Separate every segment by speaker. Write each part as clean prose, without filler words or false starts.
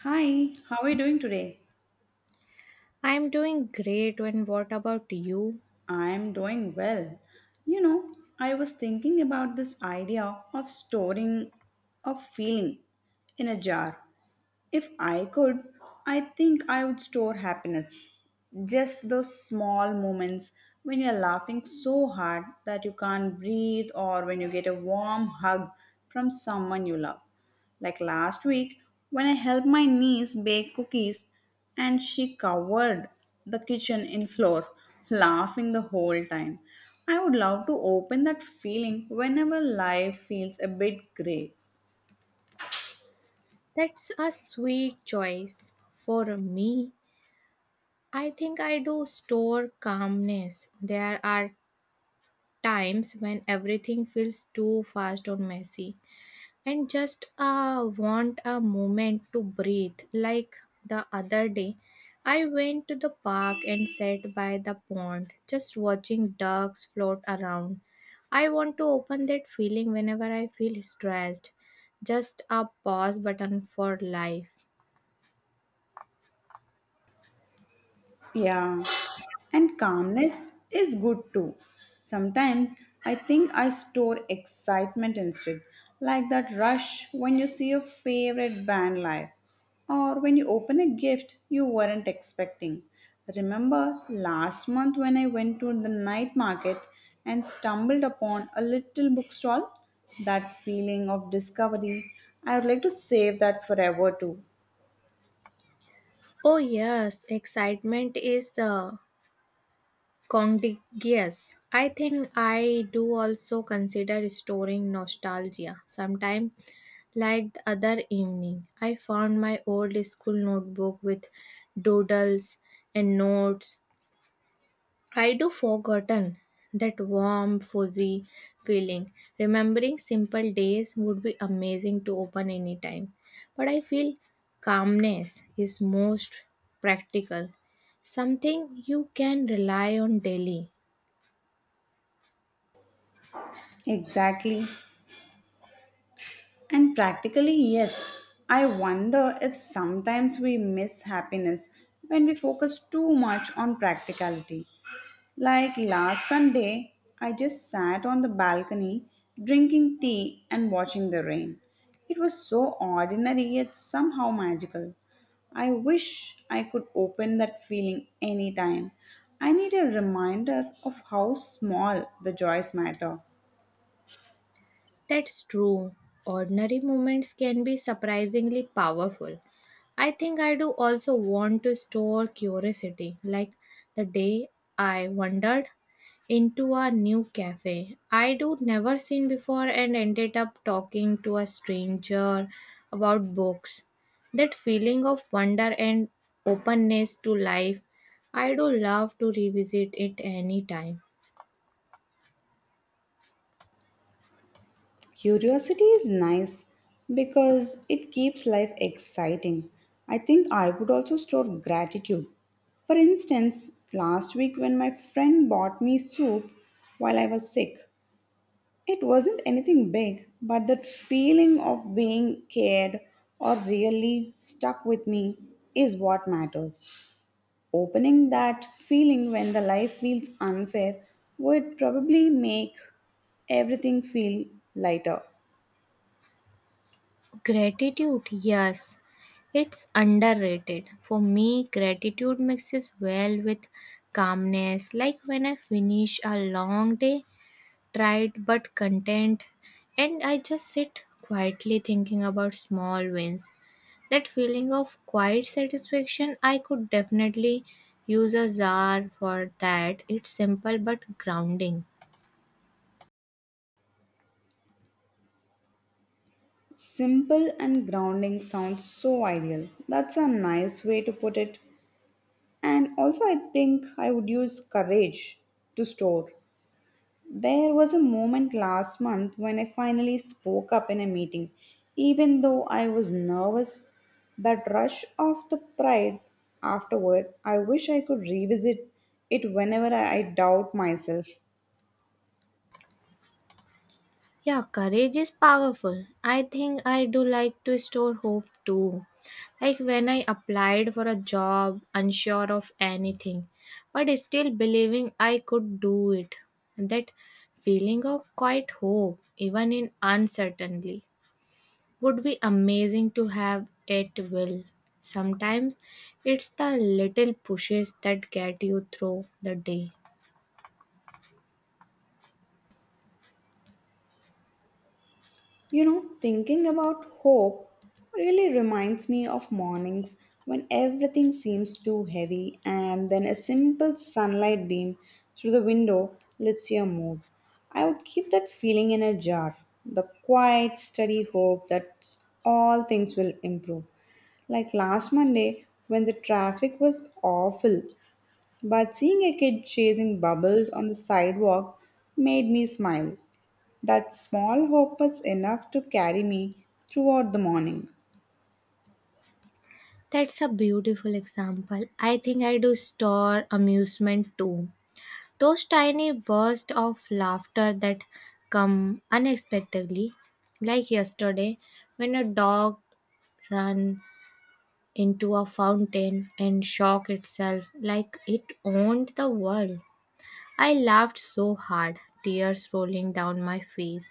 Speaker 1: Hi, how are you doing today?
Speaker 2: I'm doing great, and what about you?
Speaker 1: I'm doing well. You know, I was thinking about this idea of storing a feeling in a jar. If I could, I think I would store happiness. Just those small moments when you're laughing so hard that you can't breathe, or when you get a warm hug from someone you love. Like last week, when I helped my niece bake cookies and she covered the kitchen in flour, laughing the whole time. I would love to open that feeling whenever life feels a bit gray.
Speaker 2: That's a sweet choice. For me, I think I do store calmness. There are times when everything feels too fast or messy, and just want a moment to breathe. Like the other day, I went to the park and sat by the pond, just watching ducks float around. I want to open that feeling whenever I feel stressed. Just a pause button for life.
Speaker 1: Yeah. And calmness is good too. Sometimes I think I store excitement instead, like that rush when you see your favorite band live or when you open a gift you weren't expecting. Remember last month when I went to the night market and stumbled upon a little bookstall? That feeling of discovery, I would like to save that forever too.
Speaker 2: Oh, yes, excitement is contagious. I think I do also consider storing nostalgia sometimes. Like the other evening, I found my old school notebook with doodles and notes. I do forgotten that warm, fuzzy feeling. Remembering simple days would be amazing to open anytime. But I feel calmness is most practical. Something you can rely on daily.
Speaker 1: Exactly. And practically, yes. I wonder if sometimes we miss happiness when we focus too much on practicality. Like last Sunday, I just sat on the balcony drinking tea and watching the rain. It was so ordinary yet somehow magical. I wish I could open that feeling anytime. I need a reminder of how small the joys matter.
Speaker 2: That's true. Ordinary moments can be surprisingly powerful. I think I do also want to store curiosity, like the day I wandered into a new cafe I do never seen before and ended up talking to a stranger about books. That feeling of wonder and openness to life, I do love to revisit it anytime.
Speaker 1: Curiosity is nice because it keeps life exciting. I think I would also store gratitude. For instance, last week when my friend bought me soup while I was sick, it wasn't anything big, but that feeling of being cared or really stuck with me is what matters. Opening that feeling when the life feels unfair would probably make everything feel lighter.
Speaker 2: Gratitude, yes. It's underrated. For me, gratitude mixes well with calmness. Like when I finish a long day, tired but content, and I just sit quietly thinking about small wins. That feeling of quiet satisfaction, I could definitely use a jar for that. It's simple but grounding.
Speaker 1: Simple and grounding sounds so ideal. That's a nice way to put it. And also, I think I would use courage to store. There was a moment last month when I finally spoke up in a meeting. Even though I was nervous, that rush of the pride afterward, I wish I could revisit it whenever I doubt myself.
Speaker 2: Yeah, courage is powerful. I think I do like to store hope too. Like when I applied for a job, unsure of anything, but still believing I could do it. That feeling of quite hope, even in uncertainty, would be amazing to have at will. Sometimes it's the little pushes that get you through the day.
Speaker 1: You know, thinking about hope really reminds me of mornings when everything seems too heavy, and then a simple sunlight beam through the window lifts your mood. I would keep that feeling in a jar, the quiet, steady hope that all things will improve. Like last Monday, when the traffic was awful, but seeing a kid chasing bubbles on the sidewalk made me smile. That small hope was enough to carry me throughout the morning.
Speaker 2: That's a beautiful example. I think I do store amusement too. Those tiny bursts of laughter that come unexpectedly, like yesterday when a dog ran into a fountain and shocked itself like it owned the world. I laughed so hard, tears rolling down my face.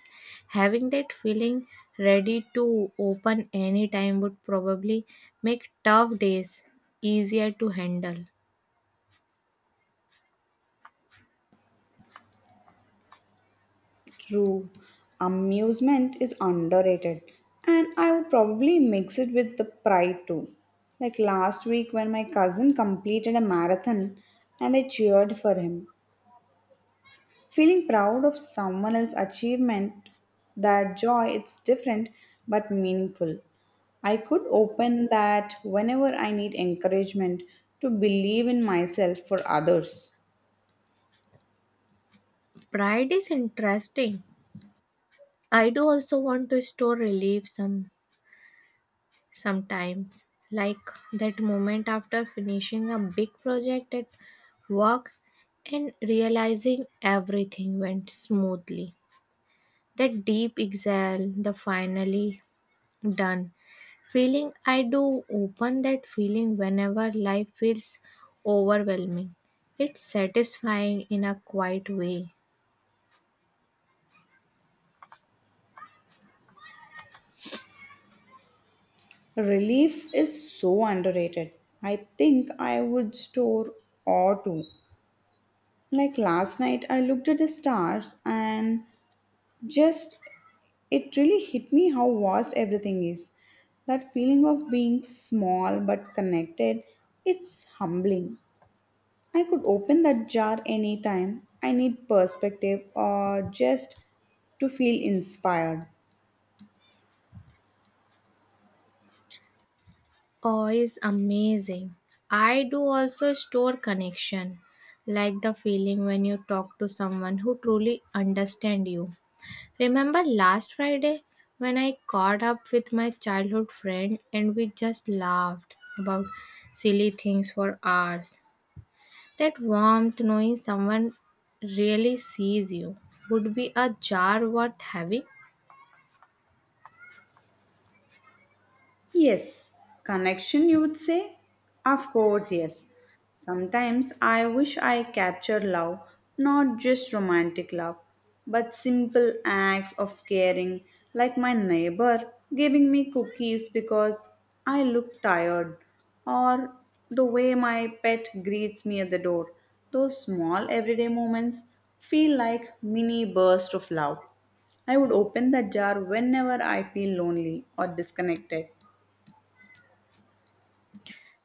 Speaker 2: Having that feeling ready to open any time would probably make tough days easier to handle.
Speaker 1: True, amusement is underrated, and I would probably mix it with the pride too. Like last week when my cousin completed a marathon and I cheered for him. Feeling proud of someone else's achievement, that joy it's different but meaningful. I could open that whenever I need encouragement to believe in myself for others.
Speaker 2: Pride is interesting. I do also want to store relief sometimes, like that moment after finishing a big project at work and realizing everything went smoothly. That deep exhale, the finally done feeling. I do open that feeling whenever life feels overwhelming. It's satisfying in a quiet way.
Speaker 1: Relief is so underrated. I think I would store or two. Like last night, I looked at the stars and just it really hit me how vast everything is. That feeling of being small but connected, it's humbling. I could open that jar anytime. I need perspective or just to feel inspired.
Speaker 2: Oh, is amazing. I do also store connection, like the feeling when you talk to someone who truly understand you. Remember last Friday when I caught up with my childhood friend and we just laughed about silly things for hours. That warmth knowing someone really sees you would be a jar worth having.
Speaker 1: Yes, connection, you would say? Of course, yes. Sometimes I wish I captured love, not just romantic love, but simple acts of caring, like my neighbor giving me cookies because I look tired, or the way my pet greets me at the door. Those small everyday moments feel like mini bursts of love. I would open that jar whenever I feel lonely or disconnected.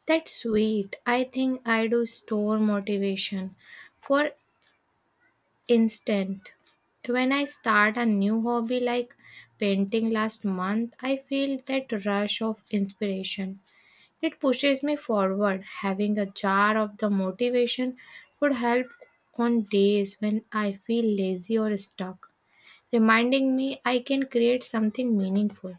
Speaker 2: That's sweet. I think I do store motivation for instant. When I start a new hobby like painting last month, I feel that rush of inspiration. It pushes me forward. Having a jar of the motivation would help on days when I feel lazy or stuck, reminding me I can create something meaningful.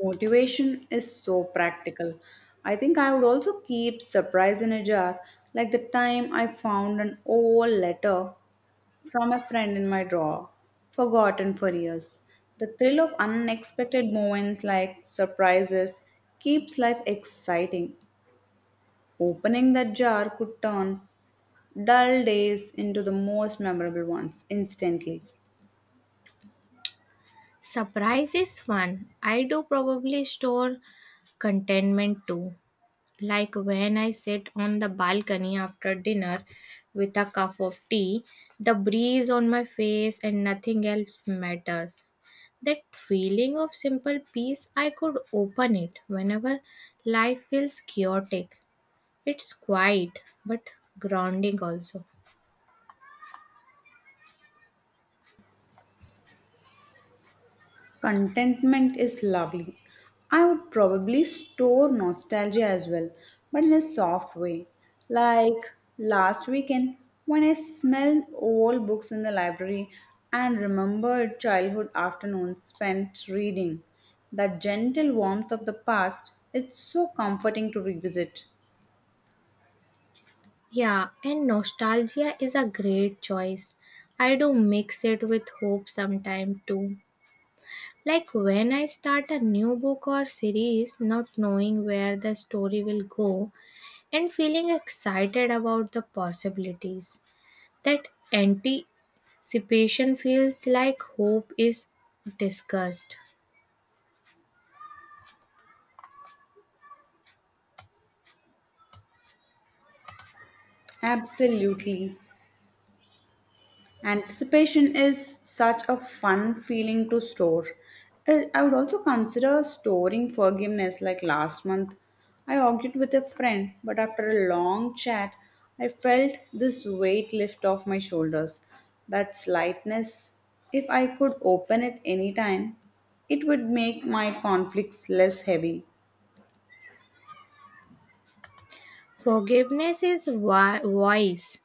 Speaker 1: Motivation is so practical. I think I would also keep surprise in a jar, like the time I found an old letter from a friend in my drawer, forgotten for years. The thrill of unexpected moments like surprises keeps life exciting. Opening that jar could turn dull days into the most memorable ones instantly.
Speaker 2: Surprise is fun. I do probably store contentment too. Like when I sit on the balcony after dinner with a cup of tea, the breeze on my face and nothing else matters. That feeling of simple peace, I could open it whenever life feels chaotic. It's quiet but grounding also.
Speaker 1: Contentment is lovely. I would probably store nostalgia as well, but in a soft way. Like last weekend, when I smelled old books in the library and remembered childhood afternoons spent reading. That gentle warmth of the past, it's so comforting to revisit.
Speaker 2: Yeah, and nostalgia is a great choice. I do mix it with hope sometime too. Like when I start a new book or series, not knowing where the story will go and feeling excited about the possibilities. That anticipation feels like hope is discussed.
Speaker 1: Absolutely. Anticipation is such a fun feeling to store. I would also consider storing forgiveness like last month. I argued with a friend, but after a long chat, I felt this weight lift off my shoulders. That lightness, if I could open it anytime, it would make my conflicts less heavy.
Speaker 2: Forgiveness is wise.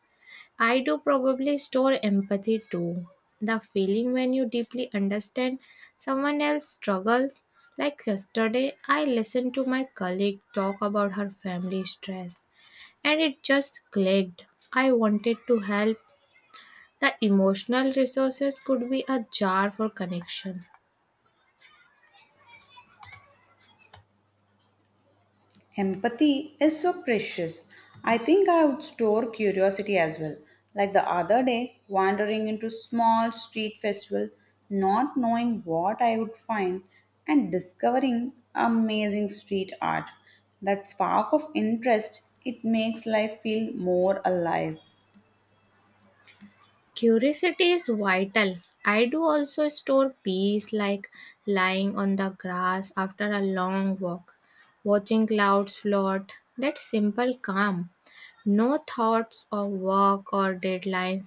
Speaker 2: I do probably store empathy too. The feeling when you deeply understand someone else's struggles. Like yesterday, I listened to my colleague talk about her family stress and it just clicked. I wanted to help. The emotional resources could be a jar for connection.
Speaker 1: Empathy is so precious. I think I would store curiosity as well. Like the other day, wandering into small street festival, not knowing what I would find and discovering amazing street art. That spark of interest, it makes life feel more alive.
Speaker 2: Curiosity is vital. I do also store peace like lying on the grass after a long walk, watching clouds float. That simple calm. No thoughts of work or deadlines.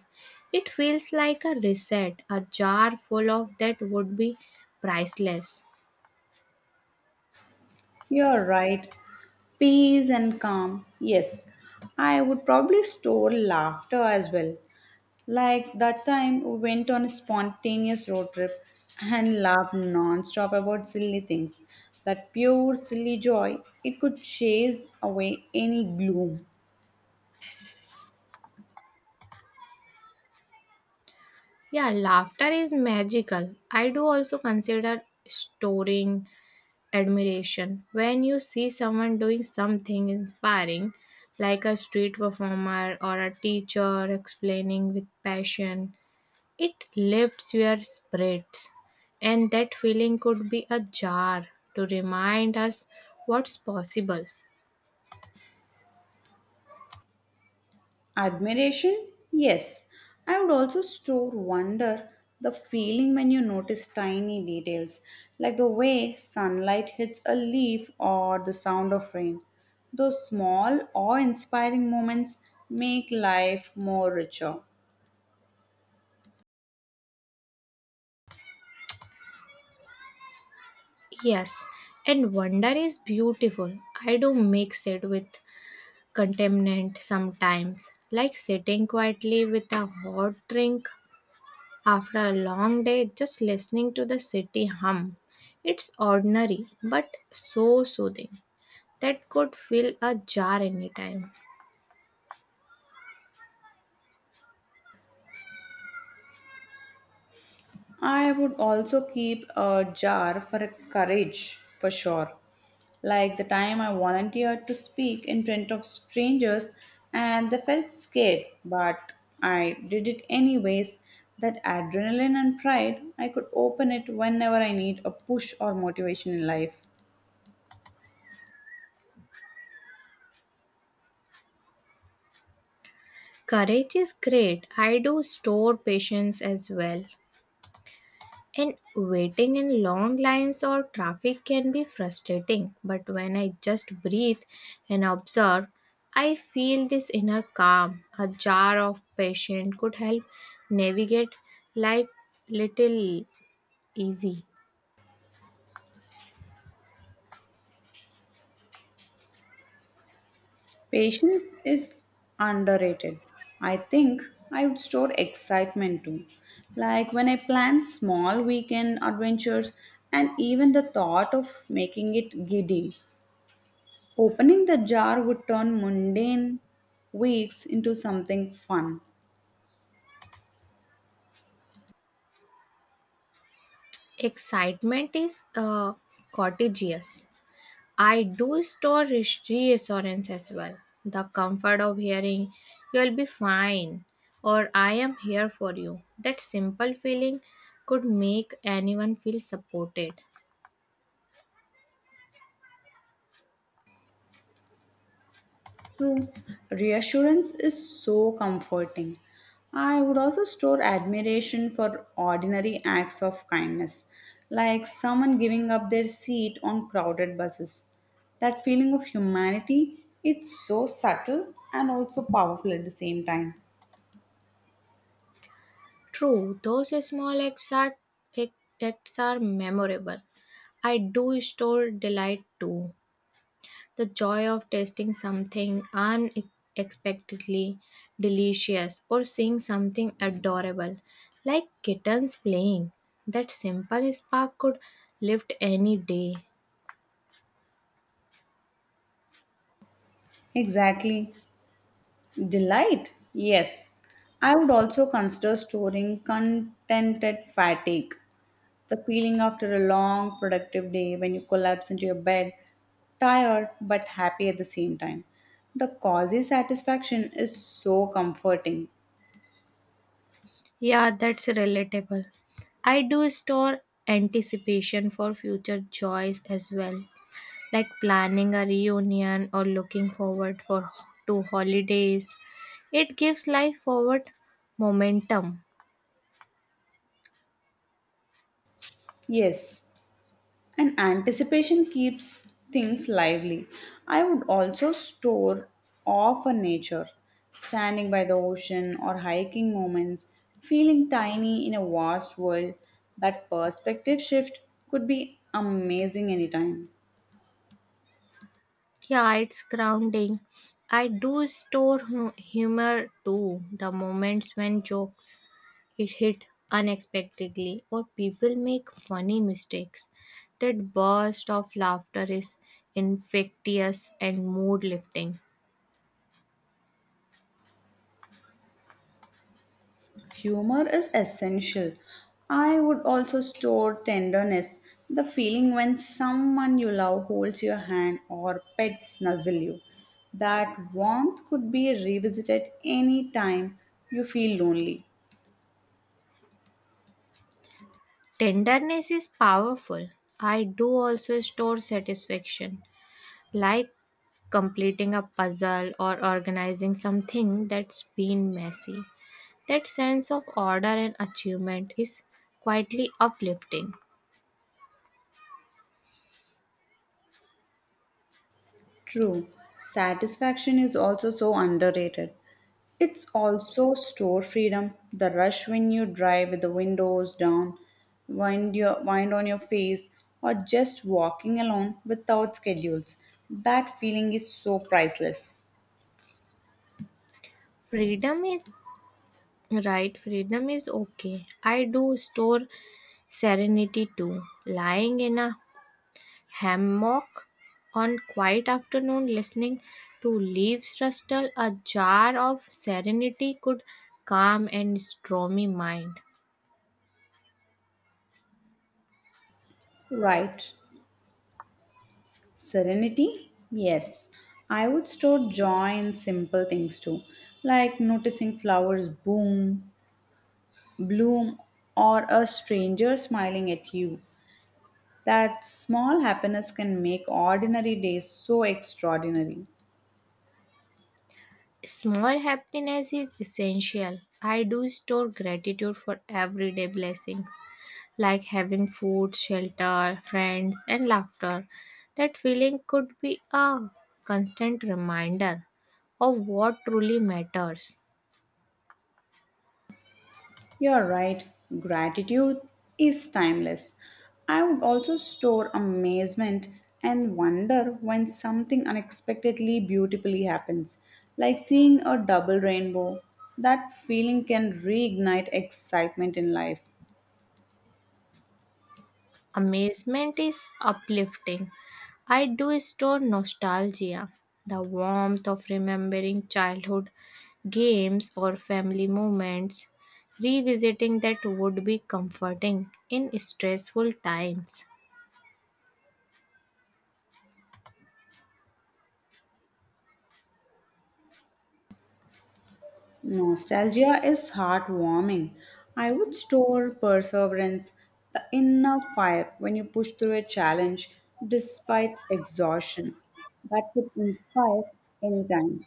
Speaker 2: It feels like a reset. A jar full of that would be priceless.
Speaker 1: You're right. Peace and calm. Yes. I would probably store laughter as well. Like that time we went on a spontaneous road trip and laughed non-stop about silly things. That pure silly joy, it could chase away any gloom.
Speaker 2: Yeah, laughter is magical. I do also consider storing admiration. When you see someone doing something inspiring, like a street performer or a teacher explaining with passion, it lifts your spirits. And that feeling could be a jar to remind us what's possible.
Speaker 1: Admiration? Yes. I would also store wonder the feeling when you notice tiny details, like the way sunlight hits a leaf or the sound of rain. Those small awe-inspiring moments make life more richer.
Speaker 2: Yes, and wonder is beautiful. I do mix it with contaminant sometimes, like sitting quietly with a hot drink after a long day, just listening to the city hum. It's ordinary but so soothing that could fill a jar anytime.
Speaker 1: I would also keep a jar for a courage for sure. Like the time I volunteered to speak in front of strangers and they felt scared, but I did it anyways. That adrenaline and pride, I could open it whenever I need a push or motivation in life.
Speaker 2: Courage is great. I do store patience as well. And waiting in long lines or traffic can be frustrating, but when I just breathe and observe, I feel this inner calm. A jar of patience could help navigate life little easy.
Speaker 1: Patience is underrated. I think I would store excitement too. Like when I plan small weekend adventures and even the thought of making it giddy. Opening the jar would turn mundane weeks into something fun.
Speaker 2: Excitement is contagious. I do store reassurance as well. The comfort of hearing, you'll be fine, or I am here for you. That simple feeling could make anyone feel supported.
Speaker 1: True. Reassurance is so comforting. I would also store admiration for ordinary acts of kindness, like someone giving up their seat on crowded buses. That feeling of humanity, it's so subtle and also powerful at the same time.
Speaker 2: True, those acts are memorable. I do store delight too. The joy of tasting something unexpectedly delicious or seeing something adorable, like kittens playing. That simple spark could lift any day.
Speaker 1: Exactly. Delight? Yes. I would also consider storing contented fatigue, the feeling after a long, productive day when you collapse into your bed, tired but happy at the same time. The cozy satisfaction is so comforting.
Speaker 2: Yeah, that's relatable. I do store anticipation for future joys as well, like planning a reunion or looking forward for to holidays. It gives life forward momentum.
Speaker 1: Yes, and anticipation keeps things lively. I would also store awe for nature, standing by the ocean or hiking moments, feeling tiny in a vast world. That perspective shift could be amazing anytime.
Speaker 2: Yeah, it's grounding. I do store humor too. The moments when jokes it hit unexpectedly or people make funny mistakes. That burst of laughter is infectious and mood lifting.
Speaker 1: Humor is essential. I would also store tenderness, the feeling when someone you love holds your hand or pets nuzzle you. That warmth could be revisited any time you feel lonely.
Speaker 2: Tenderness is powerful. I do also store satisfaction, like completing a puzzle or organizing something that's been messy. That sense of order and achievement is quietly uplifting.
Speaker 1: True. Satisfaction is also so underrated. It's also store freedom, the rush when you drive with the windows down, wind your wind on your face, or just walking alone without schedules. That feeling is so priceless.
Speaker 2: Freedom is right, freedom is okay. I do store serenity too. Lying in a hammock on quiet afternoon listening to leaves rustle, a jar of serenity could calm and stormy mind.
Speaker 1: Right. Serenity? Yes. I would store joy in simple things too, like noticing flowers boom, bloom, or a stranger smiling at you. That small happiness can make ordinary days so extraordinary.
Speaker 2: Small happiness is essential. I do store gratitude for everyday blessings, like having food, shelter, friends, and laughter. That feeling could be a constant reminder of what truly matters.
Speaker 1: You're right, gratitude is timeless. I would also store amazement and wonder when something unexpectedly beautifully happens, like seeing a double rainbow. That feeling can reignite excitement in life.
Speaker 2: Amazement is uplifting. I do store nostalgia, the warmth of remembering childhood games or family moments. Revisiting that would be comforting in stressful times.
Speaker 1: Nostalgia is heartwarming. I would store perseverance, the inner fire when you push through a challenge despite exhaustion. That could inspire any time.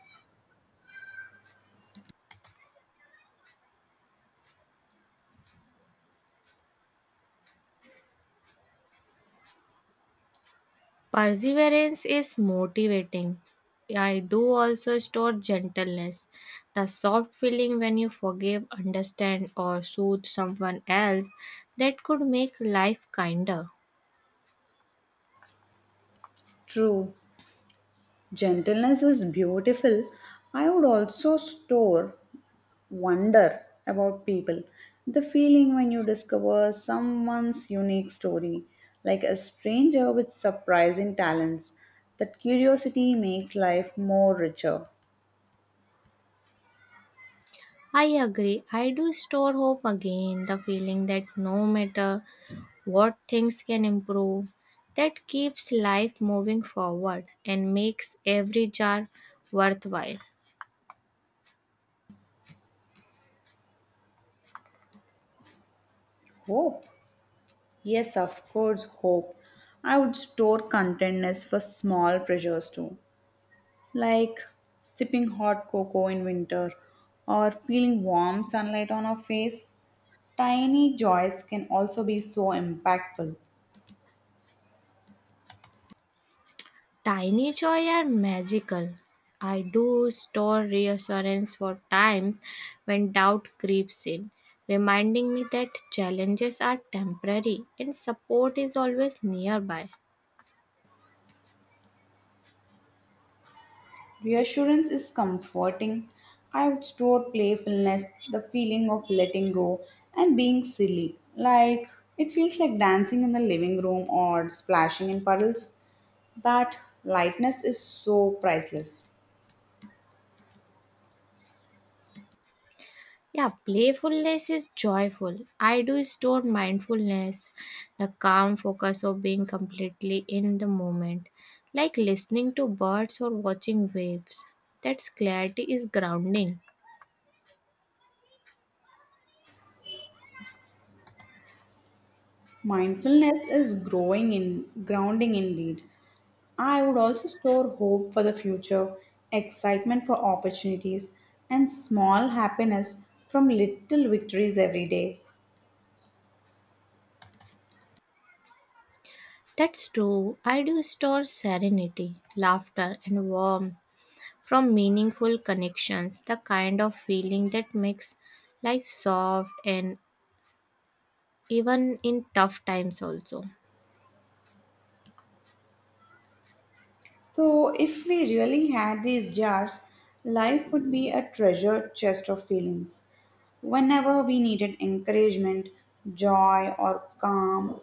Speaker 2: Perseverance is motivating. I do also store gentleness, the soft feeling when you forgive, understand, or soothe someone else that could make life kinder.
Speaker 1: True, gentleness is beautiful. I would also store wonder about people. The feeling when you discover someone's unique story, like a stranger with surprising talents, that curiosity makes life more richer.
Speaker 2: I agree. I do store hope again, the feeling that no matter what things can improve, that keeps life moving forward and makes every jar worthwhile.
Speaker 1: Hope? Yes, of course, hope. I would store contentness for small pleasures too, like sipping hot cocoa in winter or feeling warm sunlight on our face. Tiny joys can also be so impactful.
Speaker 2: Tiny joy are magical. I do store reassurance for times when doubt creeps in, reminding me that challenges are temporary and support is always nearby.
Speaker 1: Reassurance is comforting. I would store playfulness, the feeling of letting go, and being silly. Like, it feels like dancing in the living room or splashing in puddles. That lightness is so priceless.
Speaker 2: Yeah, playfulness is joyful. I do store mindfulness, the calm focus of being completely in the moment, like listening to birds or watching waves. That's clarity is grounding.
Speaker 1: Mindfulness is growing in grounding indeed. I would also store hope for the future, excitement for opportunities, and small happiness from little victories every day.
Speaker 2: That's true. I do store serenity, laughter, and warmth from meaningful connections, the kind of feeling that makes life soft and even in tough times, also.
Speaker 1: So, if we really had these jars, life would be a treasure chest of feelings. Whenever we needed encouragement, joy, or calm,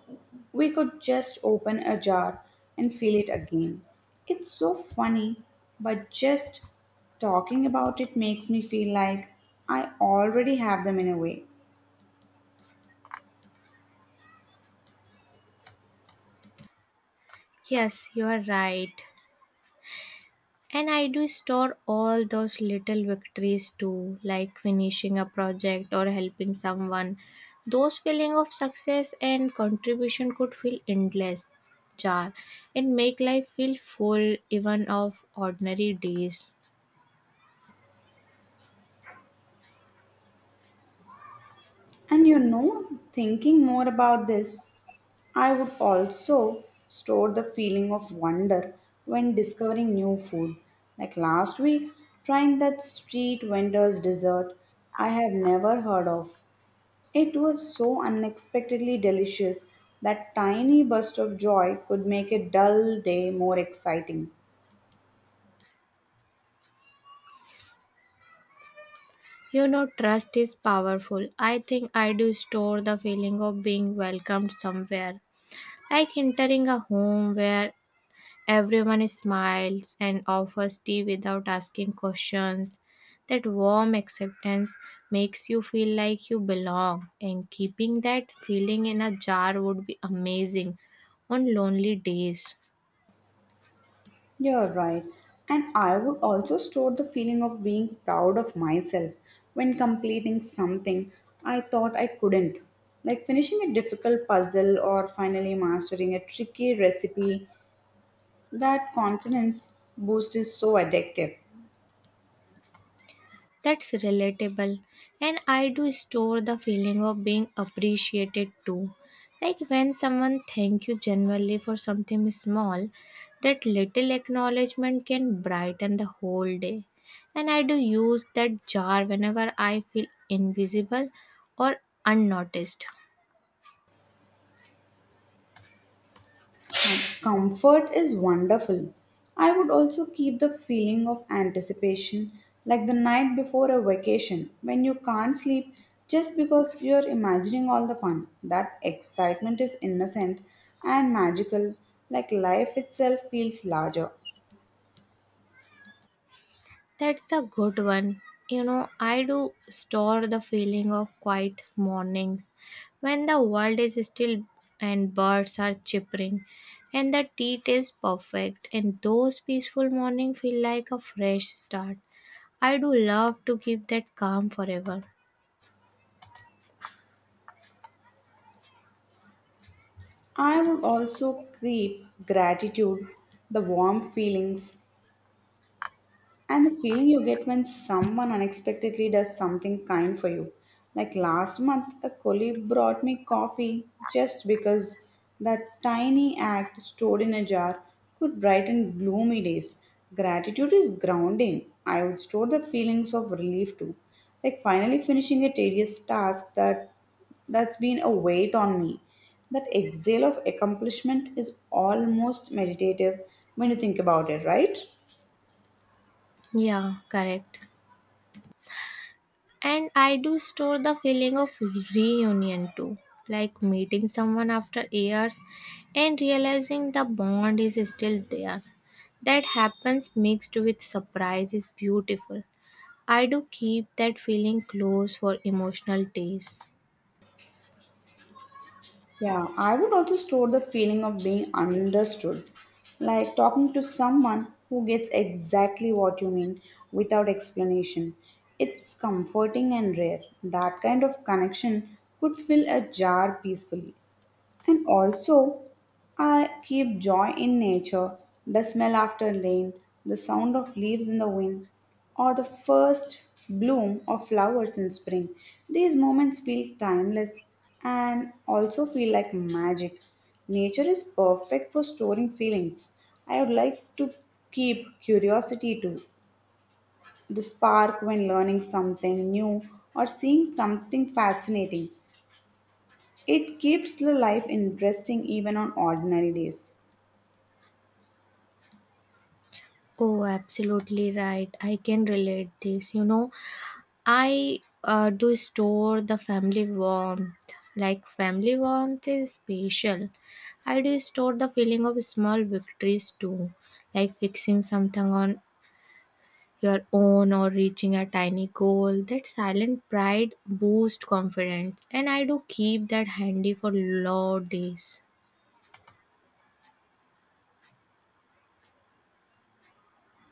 Speaker 1: we could just open a jar and feel it again. It's so funny, but just talking about it makes me feel like I already have them in a way.
Speaker 2: Yes, you are right. And I do store all those little victories too, like finishing a project or helping someone. Those feeling of success and contribution could feel endless, jar, and make life feel full even of ordinary days.
Speaker 1: And you know, thinking more about this, I would also store the feeling of wonder when discovering new food. Like last week, trying that street vendor's dessert I have never heard of. It was so unexpectedly delicious that tiny burst of joy could make a dull day more exciting.
Speaker 2: You know, trust is powerful. I think I do store the feeling of being welcomed somewhere, like entering a home where everyone smiles and offers tea without asking questions. That warm acceptance makes you feel like you belong, and keeping that feeling in a jar would be amazing on lonely days.
Speaker 1: You're right. And I would also store the feeling of being proud of myself when completing something I thought I couldn't. Like finishing a difficult puzzle or finally mastering a tricky recipe, that confidence boost is so addictive.
Speaker 2: That's relatable. And I do store the feeling of being appreciated too. Like when someone thank you genuinely for something small, that little acknowledgement can brighten the whole day. And I do use that jar whenever I feel invisible or unnoticed.
Speaker 1: Comfort is wonderful. I would also keep the feeling of anticipation, like the night before a vacation when you can't sleep just because you're imagining all the fun. That excitement is innocent and magical, like life itself feels larger.
Speaker 2: That's a good one. You know, I do store the feeling of quiet morning when the world is still and birds are chirping and the tea is perfect and those peaceful morning feel like a fresh start. I do love to keep that calm forever.
Speaker 1: I would also keep gratitude, the warm feelings, and the feeling you get when someone unexpectedly does something kind for you. Like last month, a colleague brought me coffee just because that tiny act stored in a jar could brighten gloomy days. Gratitude is grounding. I would store the feelings of relief too. Like finally finishing a tedious task that that's been a weight on me. That exhale of accomplishment is almost meditative when you think about it, right?
Speaker 2: Yeah, correct. And I do store the feeling of reunion too, like meeting someone after years and realizing the bond is still there. That happens mixed with surprise is beautiful. I do keep that feeling close for emotional days.
Speaker 1: Yeah, I would also store the feeling of being understood, like talking to someone who gets exactly what you mean without explanation. It's comforting and rare. That kind of connection could fill a jar peacefully. And also, I keep joy in nature, the smell after rain, the sound of leaves in the wind, or the first bloom of flowers in spring. These moments feel timeless and also feel like magic. Nature is perfect for storing feelings. I would like to keep curiosity too, the spark when learning something new or seeing something fascinating. It keeps the life interesting even on ordinary days.
Speaker 2: Oh, absolutely right. I can relate this. You know, I do store the family warmth. Like family warmth is special. I do store the feeling of small victories too, like fixing something on your own or reaching a tiny goal. That silent pride boosts confidence, and I do keep that handy for long days.